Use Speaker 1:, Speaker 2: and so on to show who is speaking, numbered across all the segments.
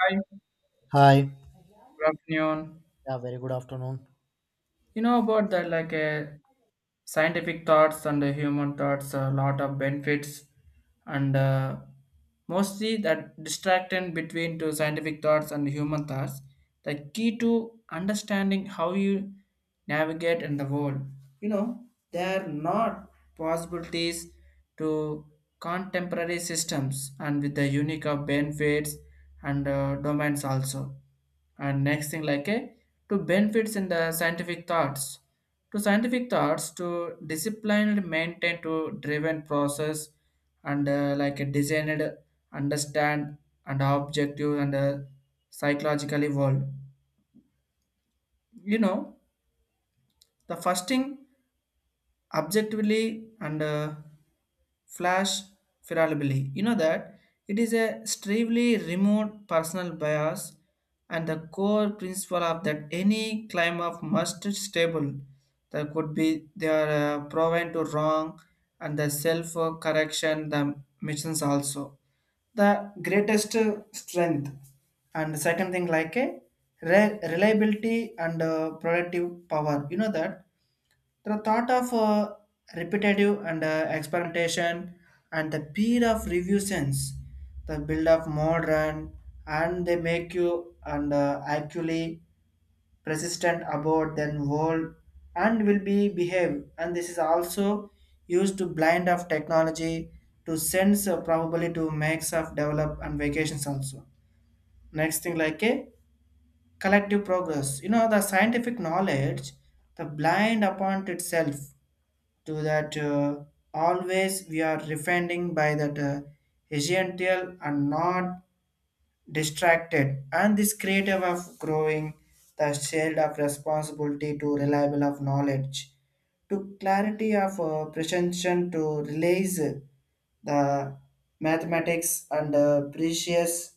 Speaker 1: Hi, good
Speaker 2: Hi.
Speaker 1: afternoon.
Speaker 2: Yeah, very good afternoon.
Speaker 1: You know about that, like scientific thoughts and human thoughts, a lot of benefits, and mostly that distraction between two scientific thoughts and human thoughts. The key to understanding how you navigate in the world. You know, there are not possibilities to contemporary systems and with the unique of benefits and domains also. And next thing like a to benefits in the scientific thoughts to disciplined maintain to driven process and like a designed understand and objective and psychologically world, you know, the first thing objectively and flash fallibility. You know that it is a strictly remote personal bias and the core principle of that any claim of must stable that could be they are proven to wrong and the self correction the missions also the greatest strength. And the second thing like a reliability and productive power, you know that the thought of repetitive and experimentation and the peer of review sense, the build of modern and they make you and actually persistent about then world and will be behave, and this is also used to blind of technology to sense probably to makes of develop and vacations also. Next thing like a collective progress, you know the scientific knowledge the blind upon itself to that always we are refining by that essential and not distracted, and this creative of growing the shield of responsibility to reliable of knowledge to clarity of pretension to release the mathematics and precious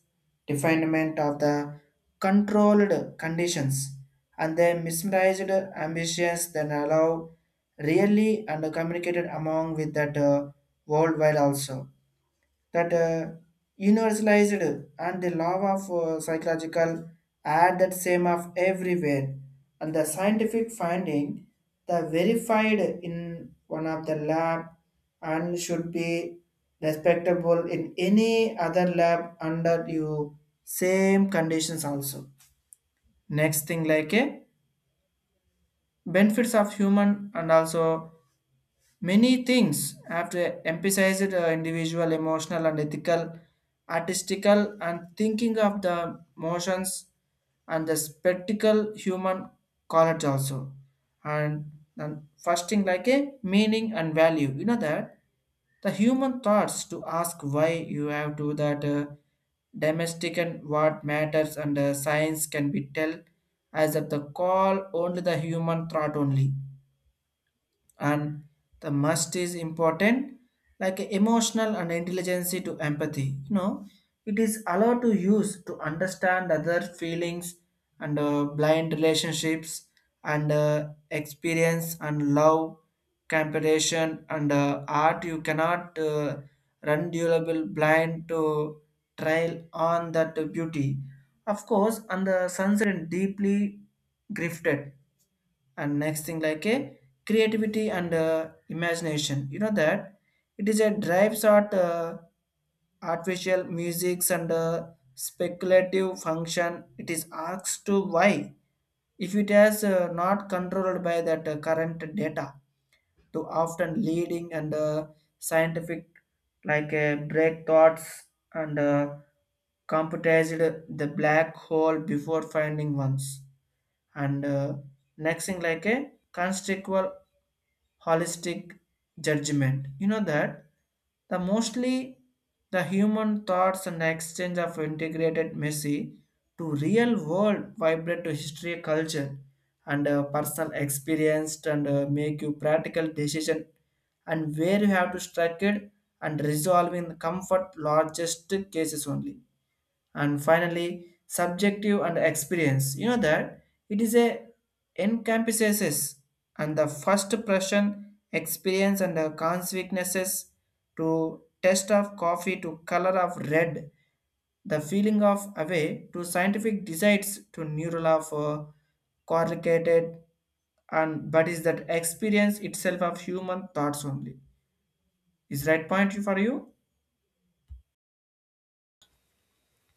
Speaker 1: definement of the controlled conditions and the mesmerized ambitions then allow really and communicated among with that worldwide also, that universalized and the law of psychological add that same of everywhere and the scientific finding the verified in one of the lab and should be respectable in any other lab under you same conditions also. Next thing like a benefits of human and also, many things have emphasized individual, emotional, and ethical, artistical, and thinking of the motions and the spectacle human college also. And, and first thing like a meaning and value. You know that the human thoughts to ask why you have to that domestic and what matters and science can be tell as at the call only the human thought only. And the must is important like emotional and intelligence to empathy, you know it is allowed to use to understand other feelings and blind relationships and experience and love, compassion and art. You cannot run durable blind to trial on that beauty of course and the sunset deeply grifted. And next thing like a creativity and imagination, you know that it is a drives art artificial musics and speculative function. It is asked to why if it is not controlled by that current data to often leading and scientific like break thoughts, and computerized the black hole before finding ones. And next thing like a conceptual holistic judgment, you know that the mostly the human thoughts and exchange of integrated messy to real world vibrate to history culture and personal experience and make you practical decision and where you have to strike it and resolve in comfort largest cases only. And finally subjective and experience, you know that it is a encompasses and the first impression experience and the consequences to taste of coffee to color of red, the feeling of away to scientific decides to neural of correlated. And but is that experience itself of human thoughts only, is right point for you.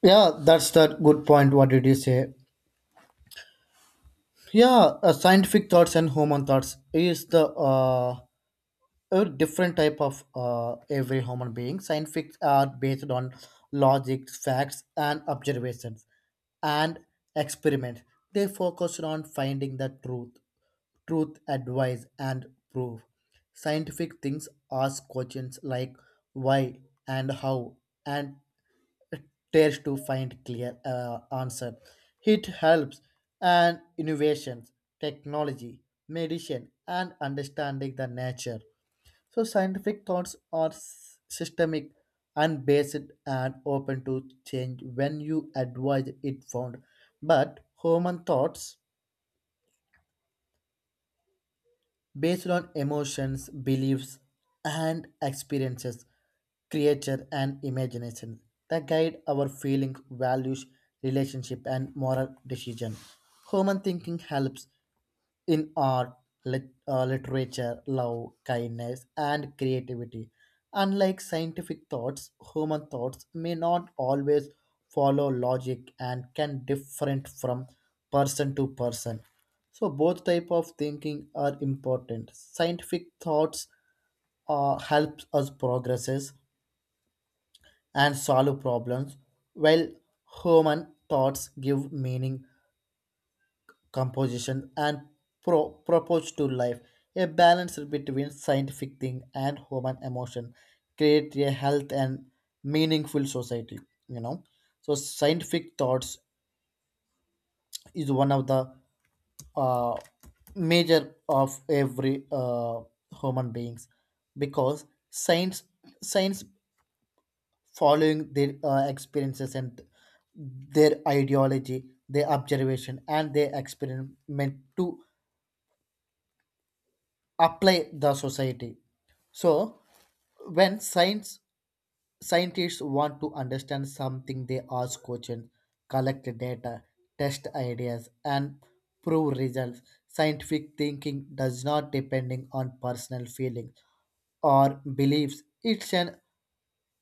Speaker 2: Yeah, that's the good point. What did you say? Yeah, scientific thoughts and human thoughts is the a different type of every human being. Scientific are based on logic, facts, and observations, and experiment. They focus on finding the truth, advice, and proof. Scientific things ask questions like why and how and dares to find clear answer. It helps and innovations, technology, medicine, and understanding the nature. So scientific thoughts are systemic and based and open to change when you advise it found. But human thoughts based on emotions, beliefs, and experiences, creature and imagination that guide our feelings, values, relationship, and moral decision. Human thinking helps in art, literature, love, kindness, and creativity. Unlike scientific thoughts, human thoughts may not always follow logic and can different from person to person. So both type of thinking are important. Scientific thoughts helps us progresses and solve problems, while human thoughts give meaning composition and approach to life. A balance between scientific thing and human emotion create a health and meaningful society. You know, so scientific thoughts is one of the uh, major of every human beings because science science following their experiences and their ideology, their observation, and their experiment to apply the society so when science scientists want to understand something, they ask questions, collect data, test ideas, and prove results. Scientific thinking does not depending on personal feelings or beliefs. It's an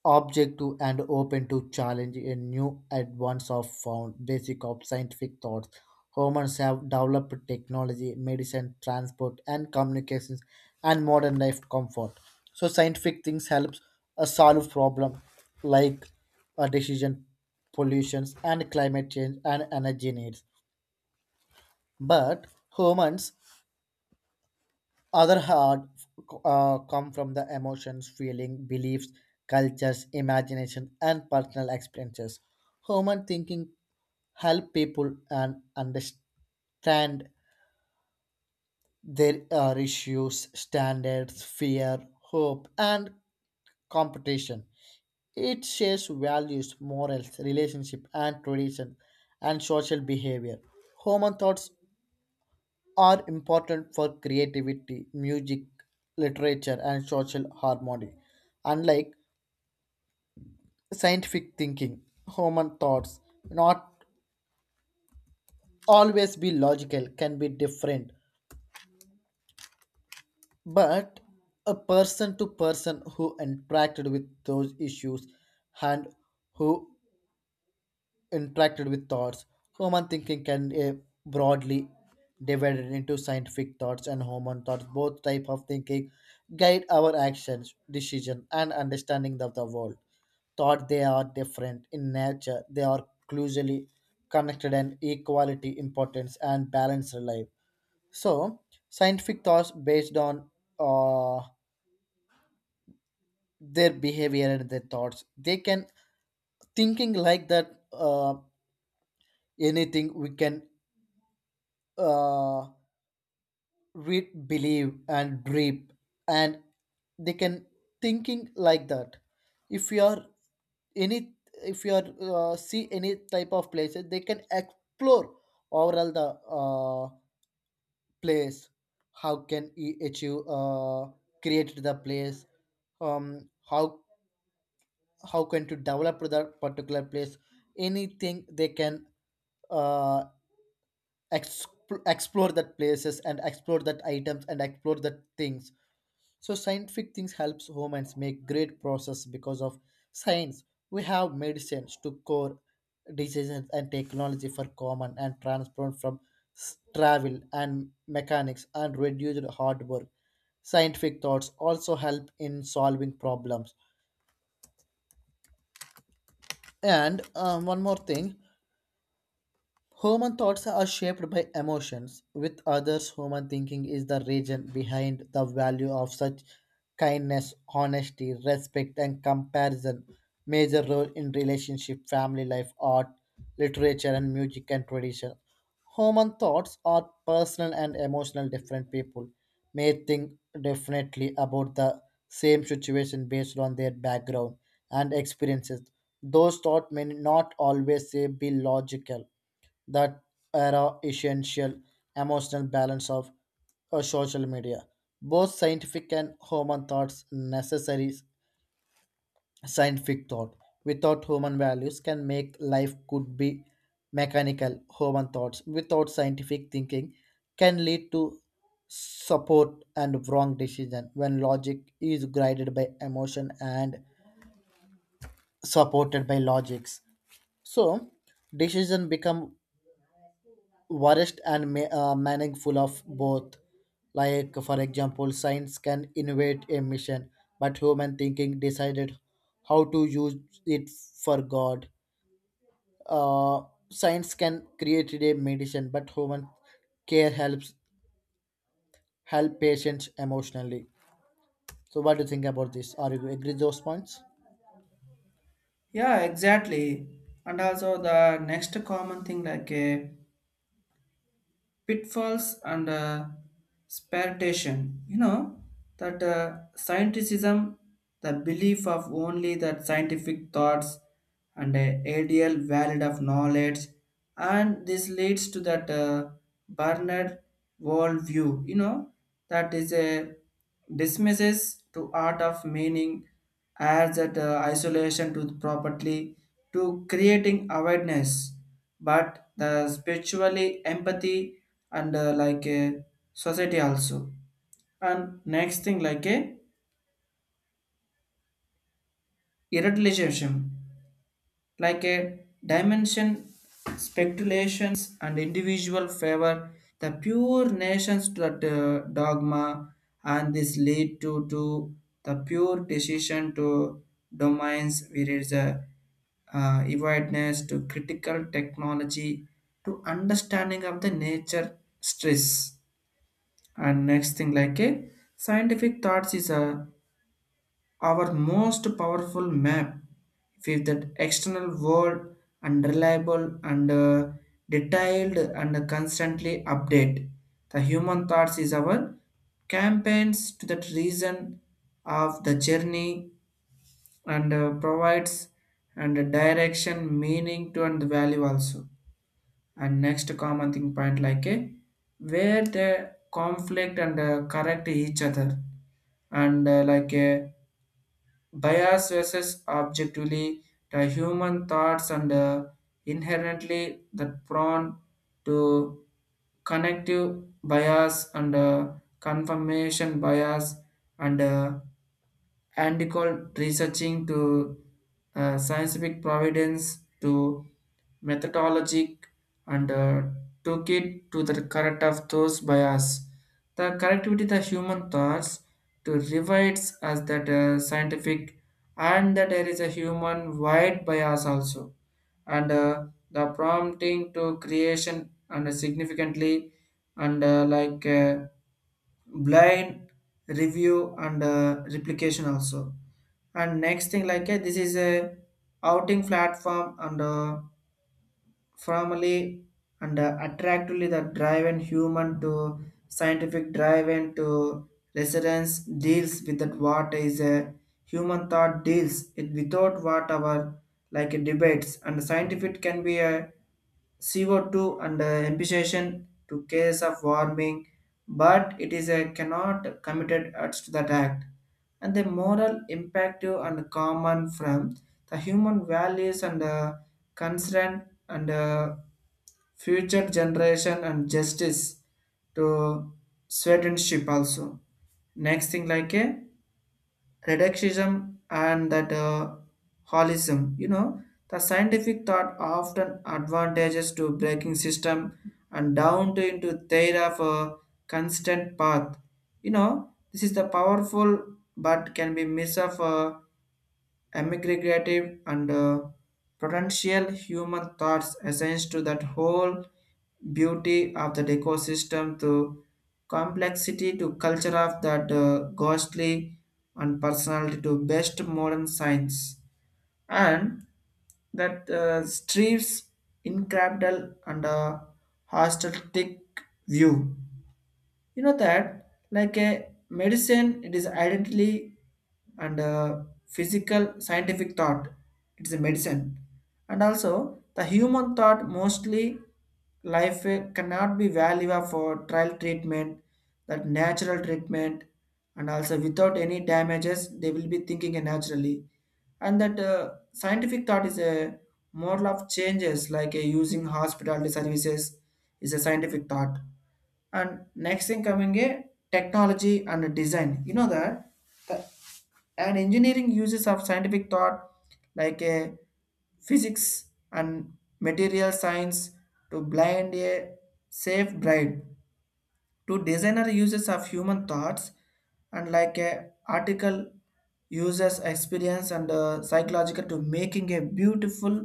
Speaker 2: objective and open to challenge a new advance of found basic of scientific thoughts. Humans have developed technology, medicine, transport, and communications, and modern life comfort. So scientific things helps solve problem like decision pollutions and climate change and energy needs, but humans other hard come from the emotions feeling beliefs cultures imagination and personal experiences. Human thinking help people and understand their issues standards fear hope and competition. It shares values, morals, relationship, and tradition, and social behavior. Human thoughts are important for creativity, music, literature, and social harmony. Unlike scientific thinking, human thoughts not always be logical, can be different, but a person to person who interacted with those issues and who interacted with thoughts. Human thinking can broadly divided into scientific thoughts and human thoughts. Both type of thinking guide our actions, decision, and understanding of the world. Thought they are different in nature. They are closely connected and equality, importance, and balance in life. So, scientific thoughts based on uh, their behavior and their thoughts. They can thinking like that anything we can uh, read, believe, and dream, and they can thinking like that. If you are any, if you are see any type of places, they can explore overall the place. How can he achieve create the place? Um, how how can to develop the particular place? Anything they can uh, exp- explore that places and explore that items and explore that things. So scientific things helps humans make great process because of science we have medicines to cure diseases and technology for common and transport from travel and mechanics and reduced hard work. Scientific thoughts also help in solving problems. And one more thing: human thoughts are shaped by emotions. With others, human thinking is the reason behind the value of such kindness, honesty, respect, and comparison. Major role in relationship, family life, art, literature, and music and tradition. Human thoughts are personal and emotional. Different people may think differently about the same situation based on their background and experiences. Those thoughts may not always be logical, that era essential emotional balance of social media. Both scientific and human thoughts necessary scientific thought. Without human values can make life could be mechanical. Human thoughts without scientific thinking can lead to support and wrong decision when logic is guided by emotion and supported by logics. So decision become worst and meaningful of both. Like, for example, science can innovate a mission, but human thinking decided how to use it for God. Uh, Science can create a medicine, but human care helps help patients emotionally. So, what do you think about this? Are you agree those points?
Speaker 1: Yeah, exactly. And also the next common thing like pitfalls and spiritation. You know that scientificism, the belief of only that scientific thoughts and a ideal valid of knowledge, and this leads to that Bernard worldview. You know that is a dismisses to art of meaning as that isolation to properly to creating awareness but the spiritually empathy and like a society also. And next thing like a irreligion, like a dimension speculations and individual favor, the pure nations to that dogma, and this lead to the pure decision to domains where is a awareness to critical technology to understanding of the nature stress. And next thing like a scientific thoughts is a our most powerful map with the external world and reliable and detailed and constantly update. The human thoughts is our campaigns to that reason of the journey and provides and a direction, meaning to and value also. And next common thing point like a where the conflict and correct each other and like a bias versus objectively, the human thoughts and inherently the prone to connective bias and confirmation bias and uh, and called researching to scientific providence to methodologic and took it to the correct of those bias. The connectivity the human thoughts to revites as that scientific, and that there is a human wide bias also, and the prompting to creation and significantly and like blind review and replication also. And next thing like this is a outing platform and formally and attractively the drive and human to scientific drive and to residence deals with that what is a human thought deals it without what our like debates, and scientific can be a CO2 and imputation to case of warming, but it is a cannot committed as to that act. And the moral imperative and common from the human values and concern and future generation and justice to citizenship also. Next thing like a reductionism and that holism. You know, the scientific thought often advantages to breaking system and down to into theory of a constant path. You know, this is the powerful but can be miss of. Immigrative and potential human thoughts essence to that whole beauty of that ecosystem to complexity to culture of that ghostly and personality to best modern science, and that strives incredible and holistic view, you know that like a medicine it is identity and physical scientific thought, it's a medicine. And also the human thought mostly life eh, cannot be valuable for trial treatment, that natural treatment, and also without any damages they will be thinking eh, naturally. And that scientific thought is a model of changes like eh, using hospitality services is a scientific thought. And next thing coming a technology and design, you know that the, an engineering uses of scientific thought like a physics and material science to blind a safe bride to designer uses of human thoughts and like a article uses experience and psychological to making a beautiful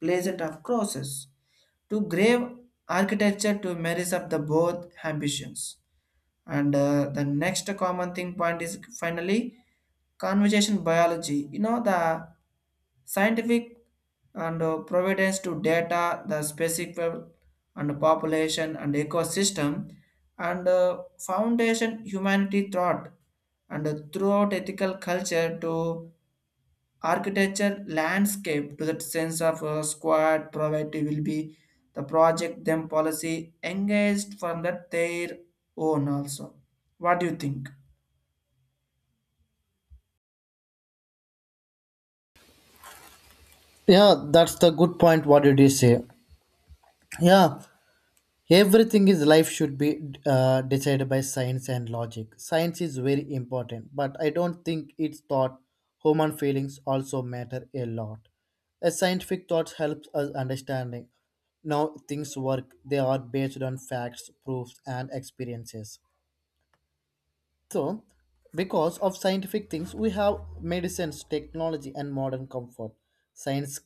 Speaker 1: pleasant of crosses to grave architecture to marries up the both ambitions. And the next common thing point is finally conversation biology, you know the scientific and providence to data the specific and population and ecosystem and foundation humanity thought and throughout ethical culture to architecture landscape to that sense of squad property will be the project them policy engaged from that their own also. What do you think?
Speaker 2: Yeah, that's the good point. What did you say? Yeah, everything is life should be decided by science and logic. Science is very important, but I don't think its thought human feelings also matter a lot. A scientific thought helps us understanding now things work. They are based on facts, proofs, and experiences. So, because of scientific things, we have medicines, technology, and modern comfort. Science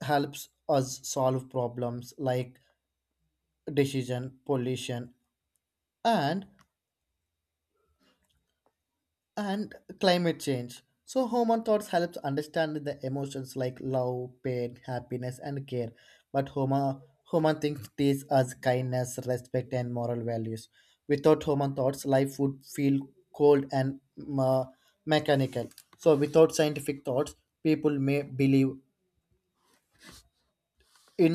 Speaker 2: helps us solve problems like decision, pollution, and and climate change. So human thoughts helps understand the emotions like love, pain, happiness, and care. But human things teach us kindness, respect, and moral values. Without human thoughts, life would feel cold and mechanical. So without scientific thoughts, people may believe in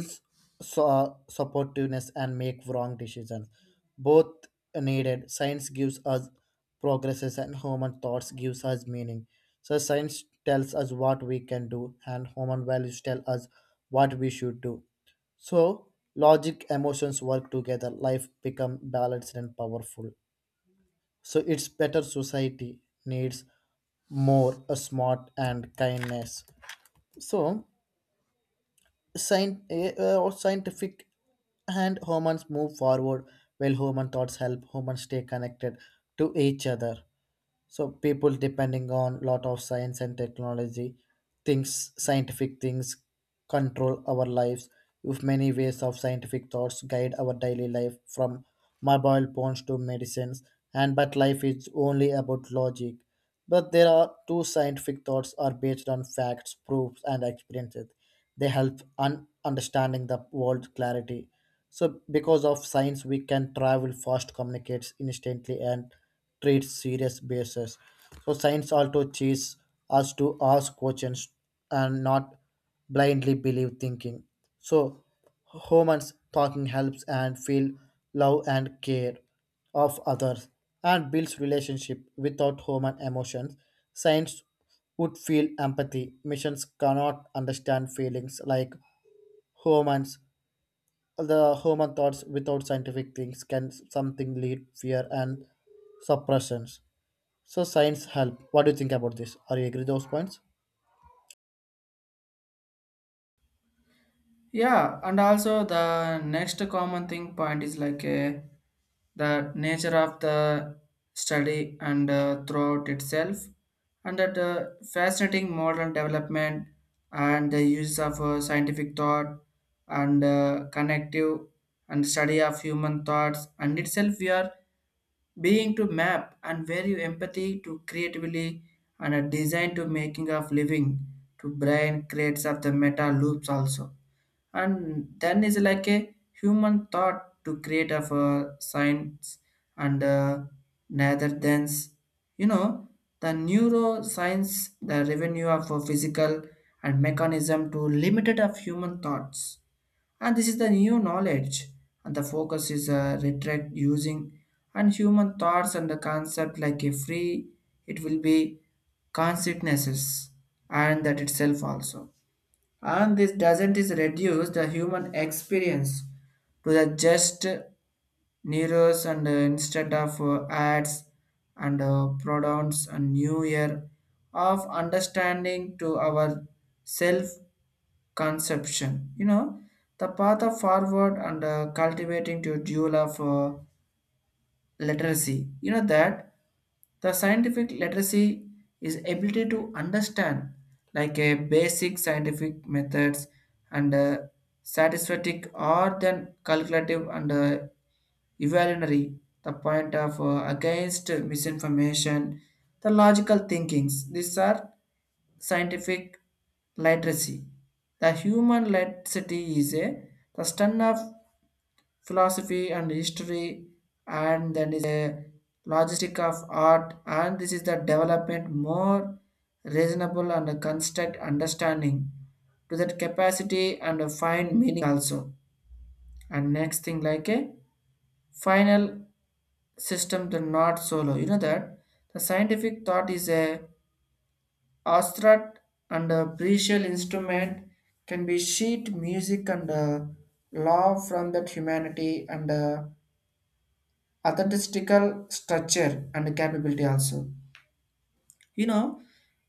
Speaker 2: supportiveness and make wrong decisions. Both needed. Science gives us progresses and human thoughts gives us meaning. So science tells us what we can do and human values tell us what we should do. So logic, emotions work together. Life become balanced and powerful. So it's better society needs more a smart and kindness. So or scientific and humans move forward while human thoughts help humans stay connected to each other. So people depending on lot of science and technology things scientific things control our lives with many ways of scientific thoughts guide our daily life from mobile phones to medicines, and but life is only about logic, but there are two scientific thoughts are based on facts proofs and experiences. They help understanding the world clarity. So because of science we can travel fast communicates instantly and treat serious bases. So science also teaches us to ask questions and not blindly believe thinking. So humans talking helps and feel love and care of others and builds relationship. Without human emotions science would feel empathy. Machines cannot understand feelings like humans. The human thoughts without scientific things can something lead fear and suppressions. So science help. What do you think about this? Are you agree those points?
Speaker 1: Yeah, and also the next common thing point is like a the nature of the study and throughout itself, and that fascinating modern development and the use of scientific thought and connective and study of human thoughts, and itself we are being to map and value empathy to creatively and a design to making of living to brain creates of the meta loops also. And then is like a human thought to create of a science and neither than, you know, the neuroscience the revenue of a physical and mechanism to limited of human thoughts, and this is the new knowledge and the focus is retract using and human thoughts and the concept like a free, it will be consequences and that itself also. And this doesn't is reduce the human experience to the just neurons and instead of ads and pronouns and new year of understanding to our self conception, you know, the path of forward and cultivating to dual of literacy. You know that the scientific literacy is ability to understand like a basic scientific methods and satisfactory or then calculative and evolutionary the point of against misinformation, the logical thinkings, these are scientific literacy. The human literacy is a the study of philosophy and history, and then is a logistic of art, and this is the development more reasonable and construct understanding to that capacity and find meaning also. And next thing like a final system the not solo, you know that the scientific thought is a astrat and a precious instrument, can be sheet music and law from that humanity and authentical structure and capability also. You know,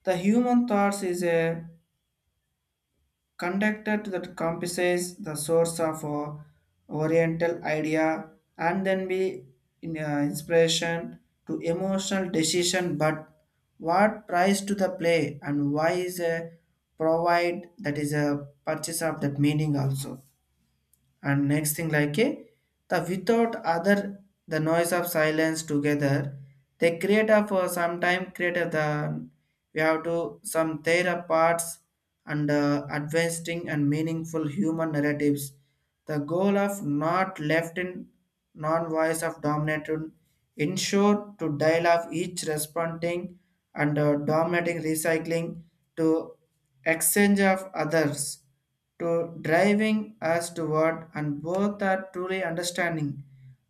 Speaker 1: the human thoughts is a conductor that comprises the source of oriental idea and then be inspiration to emotional decision, but what price to the play and why is a provide that is a purchase of that meaning also. And next thing like a the without other the noise of silence together, they create a for some time create a the we have to some their parts and advancing and meaningful human narratives, the goal of not left in non-voice of dominating ensure to dial of each responding and dominating recycling to exchange of others to driving us toward and both are truly understanding,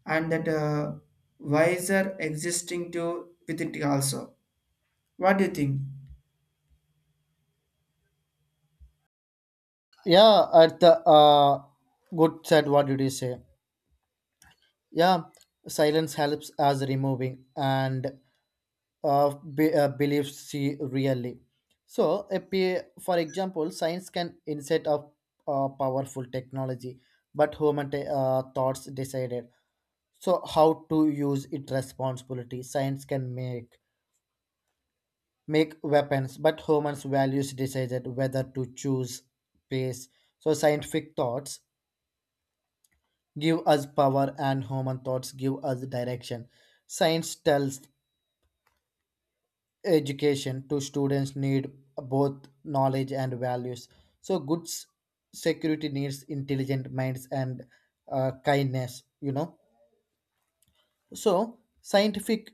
Speaker 1: and that wiser existing to with it also. What do you think?
Speaker 2: Yeah, at the good said. What did you say? Yeah, silence helps as removing and of beliefs see really. So, a for example, science can insight of powerful technology, but human thoughts decided. So, how to use it responsibility? Science can make weapons, but humans values decided whether to choose peace. So, scientific thoughts give us power, and human thoughts give us direction. Science tells education to students need both knowledge and values, so goods security needs intelligent minds and kindness, you know. So scientific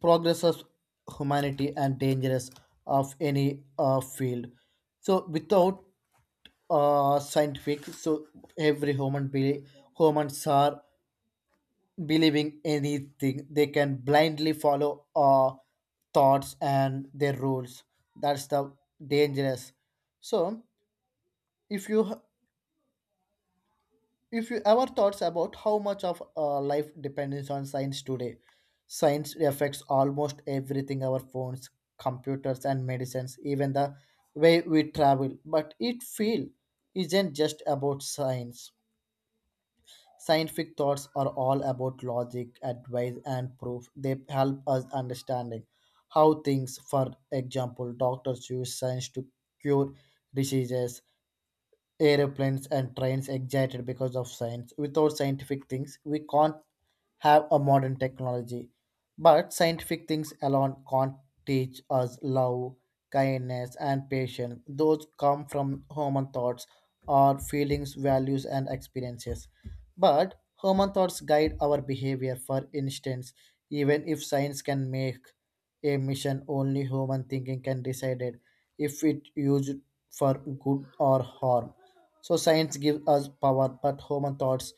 Speaker 2: progress of humanity and dangerous of any field. So without scientific, so every human be humans are believing anything. They can blindly follow thoughts and their rules. That's the dangerous. So if you h- if you ever thoughts about how much of life depends on science today, science affects almost everything: our phones, computers, and medicines, even the way we travel. But it feel isn't just about science. Scientific thoughts are all about logic, advice, and proof. They help us understanding how things, for example, doctors use science to cure diseases, aeroplanes and trains excited because of science. Without scientific things, we can't have a modern technology. But scientific things alone can't teach us love, kindness, and patience. Those come from human thoughts, our feelings, values, and experiences. But human thoughts guide our behavior. For instance, even if science can make a mission, only human thinking can decide it if it used for good or harm. So science gives us power, but human thoughts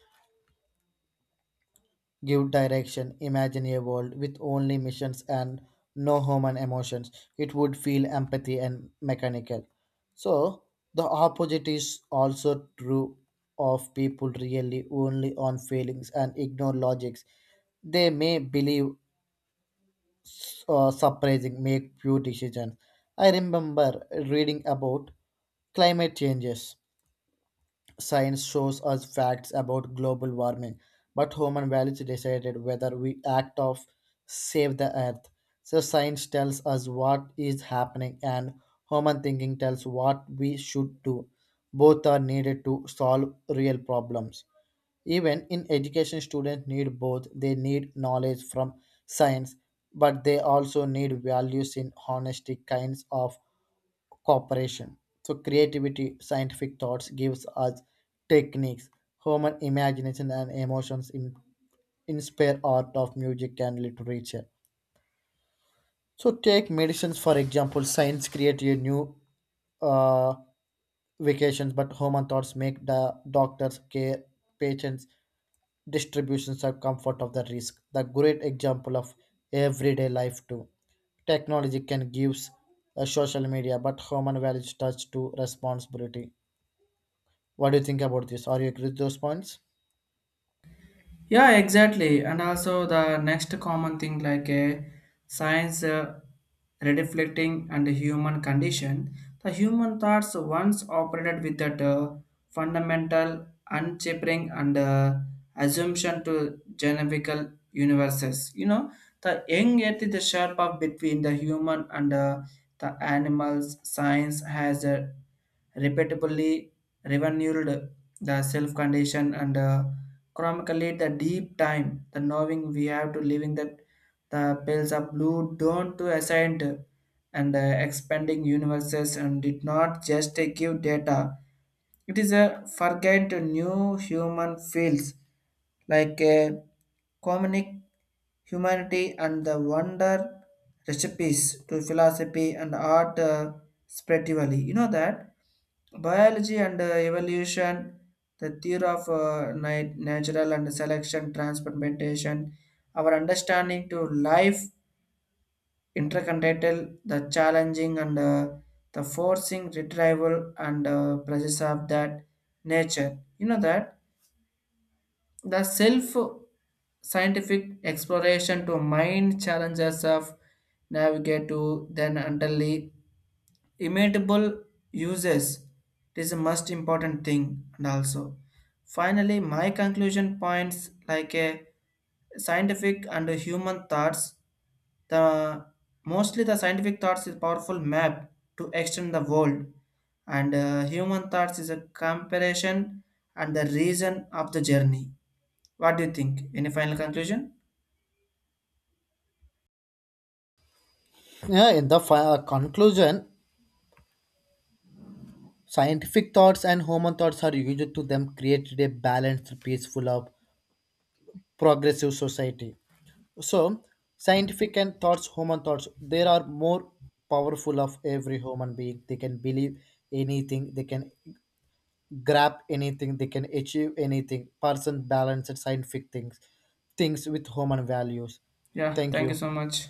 Speaker 2: give direction. Imagine a world with only missions and no human emotions. It would feel empathy and mechanical. So the opposite is also true of people really only on feelings and ignore logics. They may believe surprising, make few decisions. I remember reading about climate changes. Science shows us facts about global warming, but human values decided whether we act of save the earth. So science tells us what is happening and human thinking tells what we should do. Both are needed to solve real problems. Even in education, students need both. They need knowledge from science, but they also need values in honesty, kinds of cooperation. So creativity, scientific thoughts gives us techniques, human imagination and emotions inspire art of music and literature. So take medicines for example. Science create a new uh, vacations, but human thoughts make the doctors care patients distributions of comfort of the risk. The great example of everyday life too. Technology can give social media, but human values touch to responsibility. What do you think about this? Are you agree with those points?
Speaker 1: Yeah, exactly. And also the next common thing like a science reflecting and the human condition. The human thoughts once operated with that fundamental unchipping and assumption to generical universes. You know, the young yet is the sharp up between the human and the animals, science has a repeatedly renewed the self-condition and chronically the deep time, the knowing we have to living that the pales of blue don't to ascend and expanding universes, and did not just give data, it is a forget new human feels like a comic humanity and the wonder recipes to philosophy and art spiritually. You know that biology and evolution, the theory of natural and selection, transplantation, our understanding to life intercontinental, the challenging and the forcing retrieval and process of that nature. You know that the self scientific exploration to mind challenges of navigate to then utterly imitable uses, it is a most important thing. And also finally my conclusion points like a scientific and human thoughts, the mostly the scientific thoughts is powerful map to extend the world, and human thoughts is a comparison and the reason of the journey. What do you think? Any final conclusion?
Speaker 2: Yeah, in the conclusion, scientific thoughts and human thoughts are used to them create a balanced, peaceful, of progressive society. So, scientific and thoughts, human thoughts, they are more powerful of every human being. They can believe anything, they can grab anything, they can achieve anything. Person balanced scientific things, things with human values.
Speaker 1: Yeah,
Speaker 2: Thank
Speaker 1: thank you
Speaker 2: you.
Speaker 1: so much.